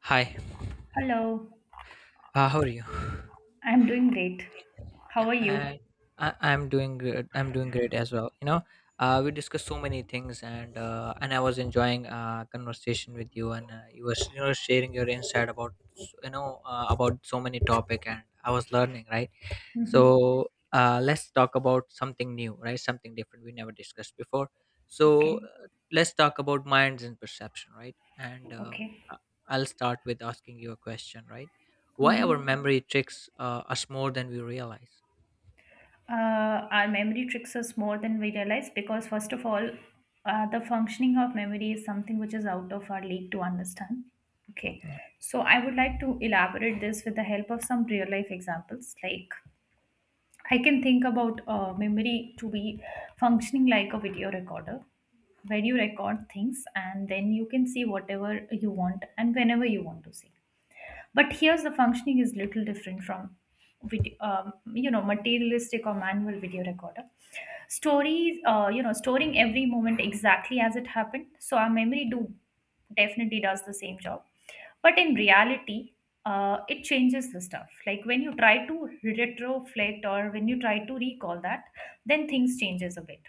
Hi, Hello, how are you? I'm doing great. How Yeah, are and you? I'm doing good. I'm doing great as well. We discussed so many things, and I was enjoying conversation with you, and you were sharing your insight about you know about so many topic, and I was learning, right. Mm-hmm. So let's talk about something new, right? Something different we never discussed before. So Okay, let's talk about minds and perception, right? Okay. uh, I'll start with asking you a question, right? Why our Mm-hmm. memory tricks us more than we realize? Our memory tricks us more than we realize because, first of all, the functioning of memory is something which is out of our league to understand. Okay, Yep, so I would like to elaborate this with the help of some real life examples. Like, I can think about memory to be functioning like a video recorder, where you record things and then you can see whatever you want and whenever you want to see, but here's the functioning is little different from video, you know, materialistic or manual video recorder, stories you know, storing every moment exactly as it happened. So our memory do, definitely does the same job, but in reality, it changes the stuff, like when you try to retroflect or when you try to recall that, then things changes a bit.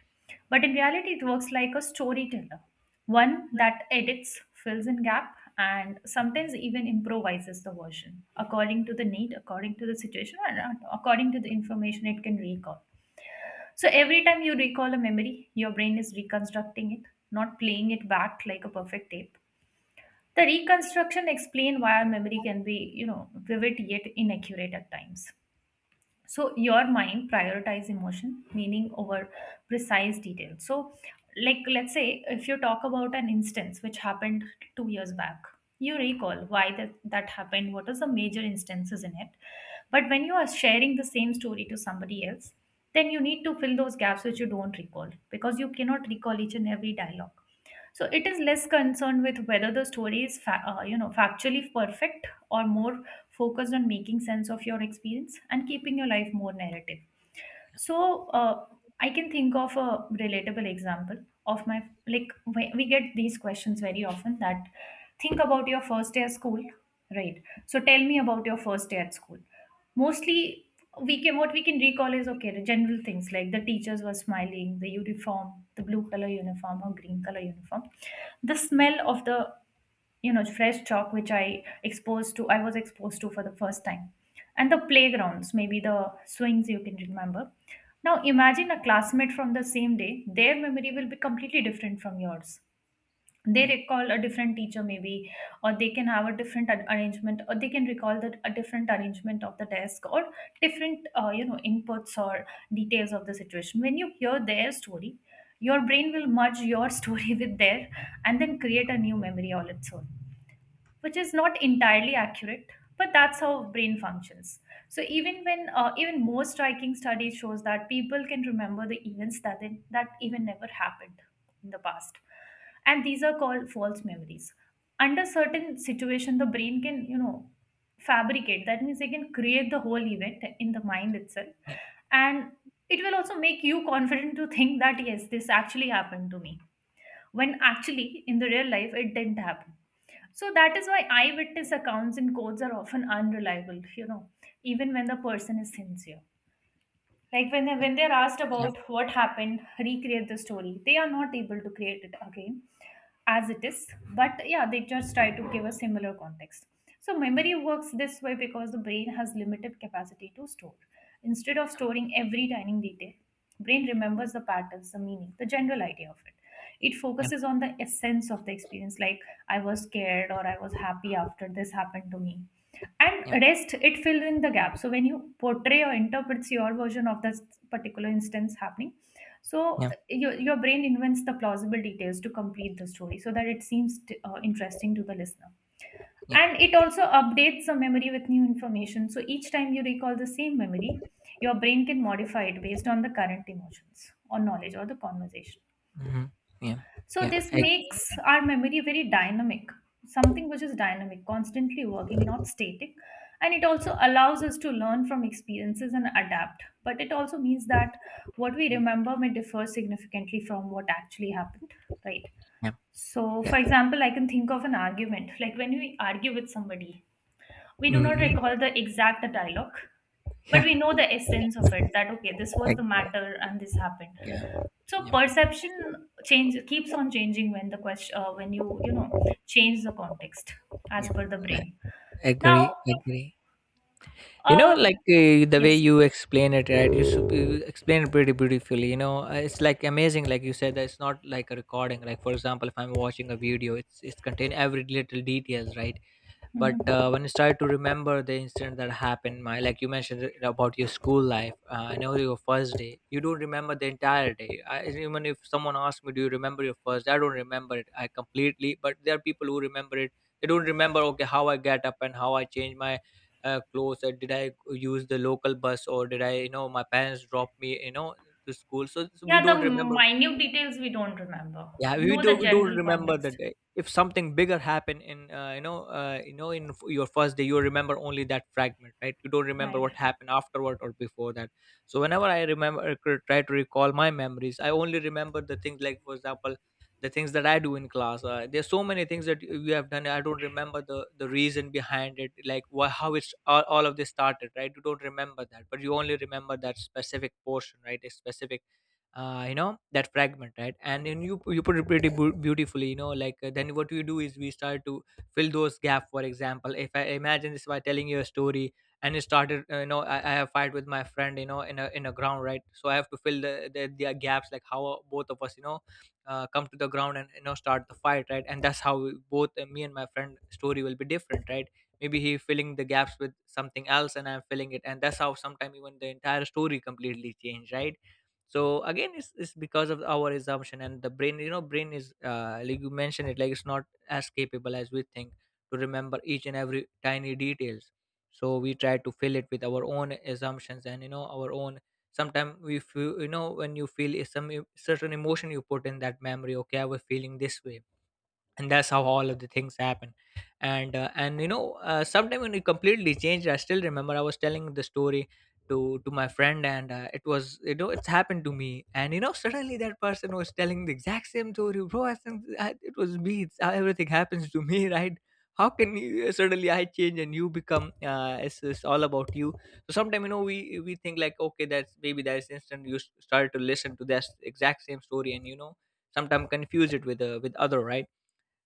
But in reality, it works like a storyteller, one that edits, fills in gap, and sometimes even improvises the version according to the need, according to the situation, and according to the information it can recall. So every time you recall a memory, your brain is reconstructing it, not playing it back like a perfect tape. The reconstruction explain why our memory can be, you know, vivid yet inaccurate at times. So your mind prioritize emotion meaning over precise detail. So, like, let's say if you talk about an instance which happened 2 years back, you recall why that happened, what is the major instances in it, but when you are sharing the same story to somebody else, then you need to fill those gaps which you don't recall, because you cannot recall each and every dialogue. So it is less concerned with whether the story is you know, factually perfect, or more focused on making sense of your experience and keeping your life more narrative. So I can think of a relatable example of my, like we get these questions very often that, think about your first day at school, right? So tell me about your first day at school. Mostly, we can, what we can recall is, okay, the general things like the teachers were smiling, the uniform, the blue color uniform or green color uniform, the smell of the, you know, fresh chalk which I was exposed to for the first time, and the playgrounds, maybe the swings you can remember. Now imagine a classmate from the same day, their memory will be completely different from yours. They yep, recall a different teacher, maybe, or they can have a different arrangement, or they can recall that a different arrangement of the desk, or different, you know, inputs or details of the situation. When you hear their story, your brain will merge your story with their, and then create a new memory all its own, which is not entirely accurate, but that's how brain functions. So even when even more striking study shows that people can remember the events that even never happened in the past, and these are called false memories. Under certain situation, the brain can, you know, fabricate, that means they can create the whole event in the mind itself, yep, and it will also make you confident to think that, yes, this actually happened to me, when actually in the real life it didn't happen. So that is why eyewitness accounts and codes are often unreliable, you know, even when the person is sincere, like when they, yep, when they're asked yep, about what happened, recreate the story, they are not able to create it again as it is. But yeah, they just try to give a similar context. So yep, memory works this way because the brain has limited capacity to store. Instead of storing every tiny detail, brain remembers the patterns, the meaning, the general idea of it. It yep, focuses on the essence of the experience, like I was scared or I was happy after this happened to me, and yep, rest it fills in the gap. So when you portray or interprets your version of this particular instance happening, so yep, your brain invents the plausible details to complete the story, so that it seems interesting to the listener, yep. and it also updates the memory with new information. So each time you recall the same memory, your brain can modify it based on the current emotions or knowledge or the conversation. Mhm. Yeah, So yeah, this I ag makes our memory very dynamic, something which is dynamic, constantly working, not static. And it also allows us to learn from experiences and adapt. But it also means that what we mm. remember may differ significantly from what actually happened, right? Yeah, So, yeah. for example, I can think of an argument. Like when we argue with somebody, we do not Mhm. recall the exact dialogue, but Yeah, we know the essence of it, that, okay, this I was the agree, matter and this happened. yeah. So Yeah, perception change keeps on changing when the question when you, you know, change the context as per the yeah. brain. I Now, agree, agree. You know, uh, like, the way yes. you explain it, right, you explain it pretty beautifully, it's, like, amazing, like you said, that it's not like a recording, like, for example, if I'm watching a video, it's contain every little details, right? But Mhm. When I started to remember the incident that happened, my like you mentioned it about your school life, I know your first day, you don't remember the entire day. Even if someone asks me, "Do you remember your first day?" I don't remember it, I completely, but there are people who remember it. They don't remember, okay, how I get up and how I change my clothes, or did I use the local bus, or did I, you know, my parents drop me, you know, to school, so, so we Yeah, don't the remember. minute details we don't remember. Yeah, You we know, the do, we do general remember the context, day. If something bigger happened in, you know, your first day, you remember only that fragment, right? You don't remember right? what happened afterward or before that. So whenever I remember, try to recall my memories, I only remember the things, like, for example, the things that I do in class. There's so many things that you have done. I don't remember the reason behind it, like why, how it's, all of this started, right? You don't remember that, but you only remember that specific portion, right? A specific you know, that fragment, right? And then you put it pretty beautifully, you know, like, then what we do is we start to fill those gap. For example, if I imagine this by telling you a story, and it started, you know, I have fight with my friend, you know, in a, in a ground, right? So I have to fill the the gaps, like how both of us, you know, come to the ground, and you know, start the fight, right? And that's how we, both, me and my friend story will be different, right? Maybe he filling the gaps with something else, and I'm filling it, and that's how sometimes even the entire story completely change, right? So again, it's because of our assumption, and the brain, you know, brain is, like you mentioned it, like it's not as capable as we think to remember each and every tiny details. So we try to fill it with our own assumptions, and you know, our own sometimes we feel, you know, when you feel, certain emotion, you put in that memory, okay, I was feeling this way, and that's how all of the things happen. And and you know, sometime when it completely changed, I still remember I was telling the story to my friend, and it was, you know, it's happened to me, and you know, suddenly that person was telling the exact same story, bro, I think, it was me, everything happens to me right? How can you suddenly, I change and you become, it's all about you. So sometimes, you know, we think like, okay, that's maybe that's instant, you start to listen to that exact same story, and you know, sometimes confuse it with, with other, right?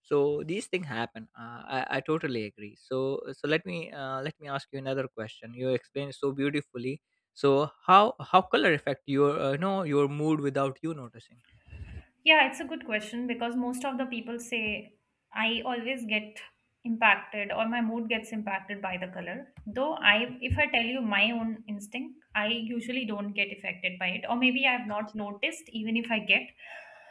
So these things happen. I totally agree. So so let me, let me ask you another question. You explained so beautifully. So how color affect your, no, your mood without you noticing? Yeah, it's a good question, because most of the people say I always get impacted, or my mood gets impacted by the color. Though I, if I tell you my own instinct, I usually don't get affected by it, or maybe I've not noticed even if I get.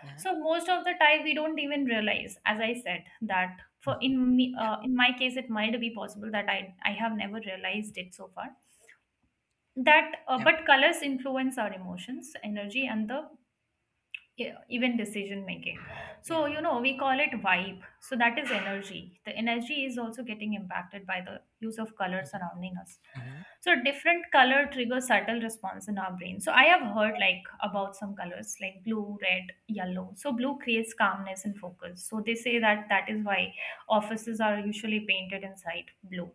Yeah, So most of the time we don't even realize, as I said, that for in me, yeah, in my case it might be possible that I have never realized it so far. That yeah, but colors influence our emotions, yeah, energy, and the, yeah, even decision making. yeah. So, you know, we call it vibe, so that is energy. The energy is also getting impacted by the use of color Mhm. surrounding us. Mhm. So different color triggers subtle response in our brain. So I have heard like about some colors, like blue, red, yellow. So blue creates calmness and focus. So they say that that is why offices are usually painted inside blue,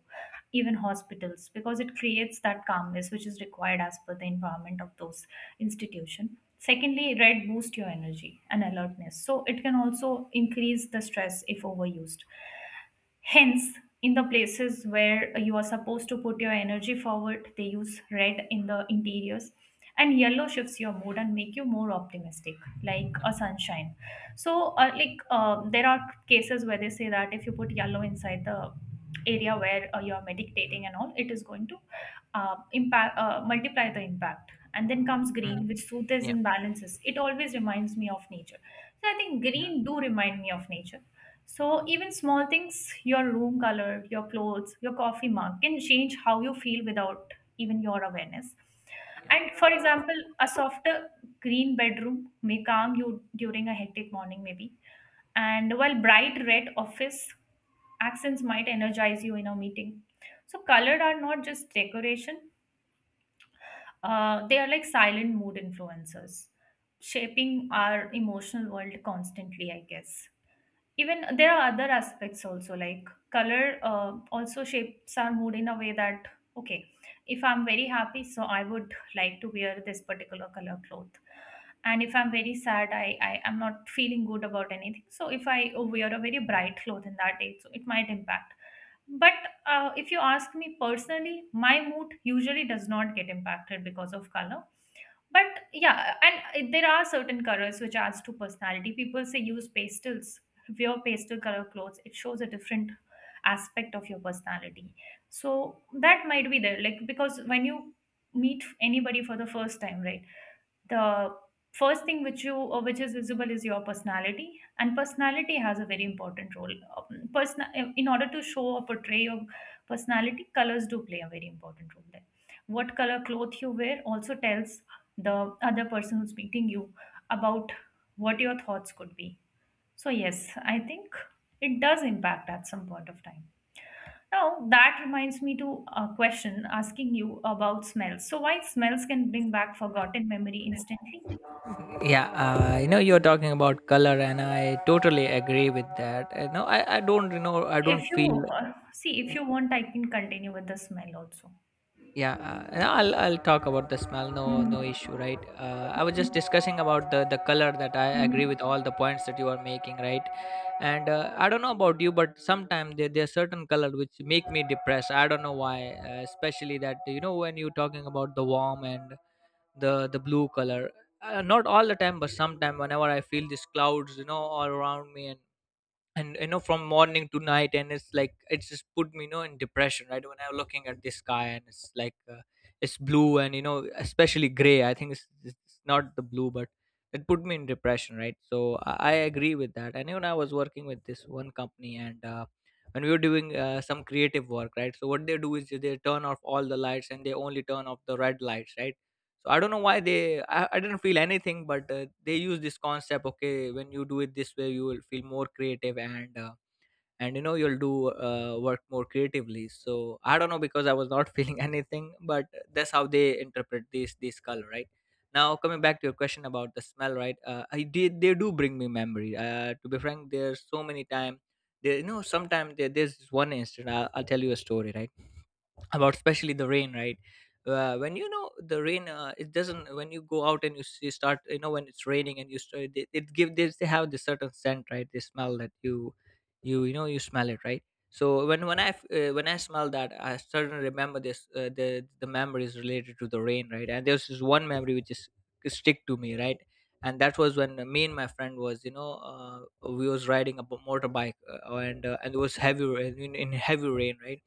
even hospitals, because it creates that calmness which is required as per the environment of those institution. Secondly, red boosts your energy and alertness, so it can also increase the stress if overused. Hence, in the places where you are supposed to put your energy forward, they use red in the interiors. And yellow shifts your mood and make you more optimistic, like Yeah. a sunshine. So, there are cases where they say that if you put yellow inside the area where you are Mhm. meditating and all, it is going to impact, multiply the impact. And then comes green, Mhm. which soothes Yeah, and balances. It always reminds me of nature. So I think yeah, green do remind me of nature. So even small things, your room color, your clothes, your coffee mug can change how you feel without even your awareness. And for example, a softer green bedroom may calm you during a hectic morning maybe. And while bright red office accents might energize you in a meeting. So colored are not just decoration, they are like silent mood influencers, shaping our emotional world constantly, I guess. Even there are other aspects also, like color also shapes our mood, in a way that, okay, if I'm very happy, so I would like to wear this particular color cloth, and if I'm very sad, I am not feeling good about anything, so if I wear a very bright cloth in that day, so it might impact. But if you ask me personally, my mood usually does not get impacted because of color. But yeah, and there are certain colors which adds to personality. People say use pastels, wear pastel color clothes. It shows a different aspect of your personality. So that might be there, like, because when you meet anybody for the first time, right? The first thing which you which is visible is your personality, and personality has a very important role. Um, person, in order to show or portray your personality, colors do play a very important role there. What color cloth you wear also tells the other person who's meeting you about what your thoughts could be. So yes, I think it does impact at some point of time. Now that reminds me to a question asking you about smells, so why smells can bring back forgotten memory instantly. yeah. You know, you're talking about color and I totally agree with that. No, I don't, you know, I don't If feel, you uh, see, if you want, I can continue with the smell also. yeah, no, I'll talk about the smell. No, no Mm-hmm. issue, right? I was just discussing about the color that I agree with Mm-hmm. all the points that you are making, right? And I don't know about you, but sometimes there are certain color which make me depressed. I don't know why, especially that, you know, when you're talking about the warm and the blue color. Not all the time, but sometime whenever I feel these clouds, you know, all around me, and you know, from morning to night, and it's like, it's just put me, you know, in depression, right? When I'm looking at the sky, and it's like, it's blue, and you know, especially gray, I think it's not the blue, but it put me in depression, right? So I agree with that. And even I was working with this one company, and when we were doing, some creative work, right? So what they do is they turn off all the lights, and they only turn off the red lights, right? So I don't know why they, I didn't feel anything, but they use this concept, okay, when you do it this way you will feel more creative, and you know, you'll do, work more creatively. So I don't know because I was not feeling anything, but that's how they interpret this color, right? Now coming back to your question about the smell, right? I did, they do bring me memory. To be frank, there's so many times, there you know, sometimes there's this one instant. I'll tell you a story, right? About, especially the rain, right? When you know, the rain, it doesn't, when you go out and you, you start, you know, when it's raining, and you start, it give this, they have this certain scent, right? They smell that you, you know, you smell it, right? So when when I smell that, I suddenly remember this, the memories related to the rain, right? And there's this one memory which is stick to me, right? And that was when me and my friend was, you know, we was riding a motorbike, and and it was heavy rain in heavy rain, right?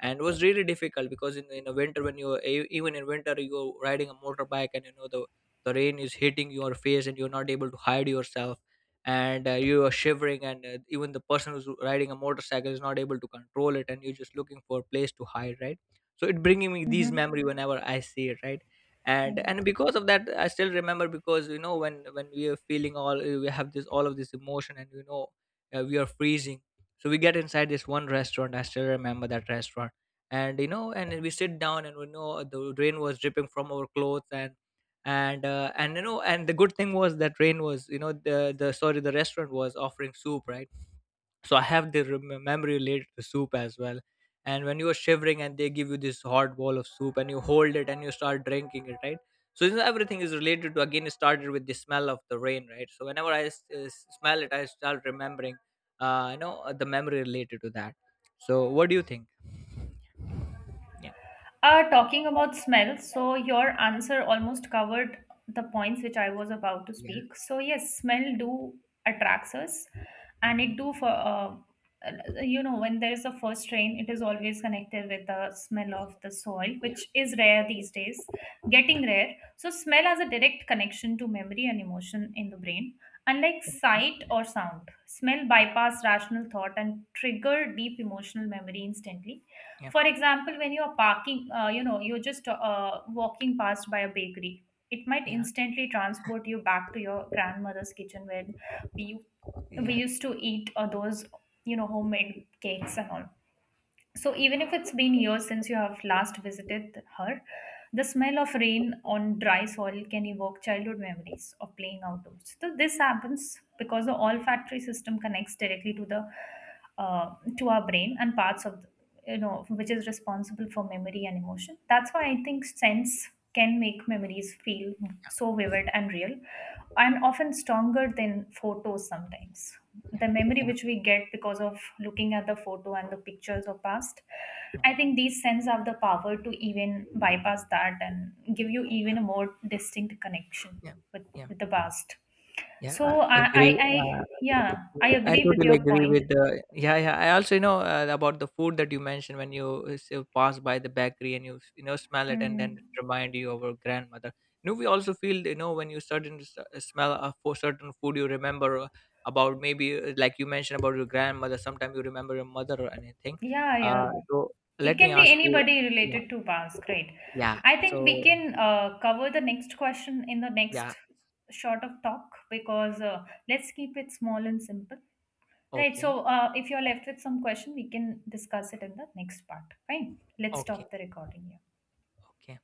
And it was really difficult, because in a winter, when you even in winter you're riding a motorbike, and you know, the rain is hitting your face, and you're not able to hide yourself, and you are shivering, and even the person who's riding a motorcycle is not able to control it, and you're just looking for a place to hide, right? So it bringing me these Mm-hmm. memory whenever I see it, right? and Right. and because of that, I still remember, because you know, when we are feeling all, we have this, all of this emotion, and you know, we are freezing. So we get inside this one restaurant, I still remember that restaurant, and you know, and we sit down, and we know the rain was dripping from our clothes, and you know, and the good thing was that rain was, you know, the sorry, the restaurant was offering soup, right? So I have the memory related to soup as well. And when you are shivering and they give you this hot bowl of soup, and you hold it, and you start drinking it, right? So this, everything is related to, again it started with the smell of the rain, right? So whenever I smell it, I start remembering, you know, the memory related to that. So what do you think? Yeah. Talking about smell, so your answer almost covered the points which I was about to Yeah. speak. So yes, smell do attracts us, and Hmm. it do for you know, when there is a first rain, it is always connected with the smell of the soil, which is rare these days, getting rare. So smell has a direct connection to memory and emotion in the brain. Unlike sight or sound, smell Yeah. bypass rational thought and trigger deep emotional memory instantly. Yeah, For example, when you're parking, you know, you're just walking past by a bakery, it might yeah, instantly transport you back to your grandmother's kitchen where we, yeah, we yeah, used to eat those, you know, homemade cakes and all. So even if it's been years since you have last visited her, the smell of rain on dry soil can evoke childhood memories of playing outdoors. So this happens because the olfactory system connects directly to the to our brain and parts of, you know, which is responsible for memory and emotion. That's why I think sense can make memories feel so vivid and real, and often stronger than photos. Sometimes the memory yeah, which we get because of looking at the photo and the pictures of past, I think these sense have the power to even bypass that and give you even a more distinct connection yeah, with, yeah. with the past. Yeah, So I agree. I yeah, Yeah, I I agree with totally your agree point. with the. Yeah, yeah. I also, you know, about the food that you mentioned when you, pass by the bakery, and you know, smell it, and Hmm. then it remind you of your grandmother. You know, we also feel, you know, when you certain smell a for certain food, you remember, about maybe, like you mentioned about your grandmother. Sometimes you remember your mother or anything. Yeah, yeah. So It let me can be ask you. anybody Yeah. related to past, right? Yeah. I think we So can cover the next question in the next yeah. short of talk, because let's keep it small and simple. Right, Okay. so if you're left with some question, we can discuss it in the next part. Fine. Let's Okay. Okay. stop the recording here. Okay.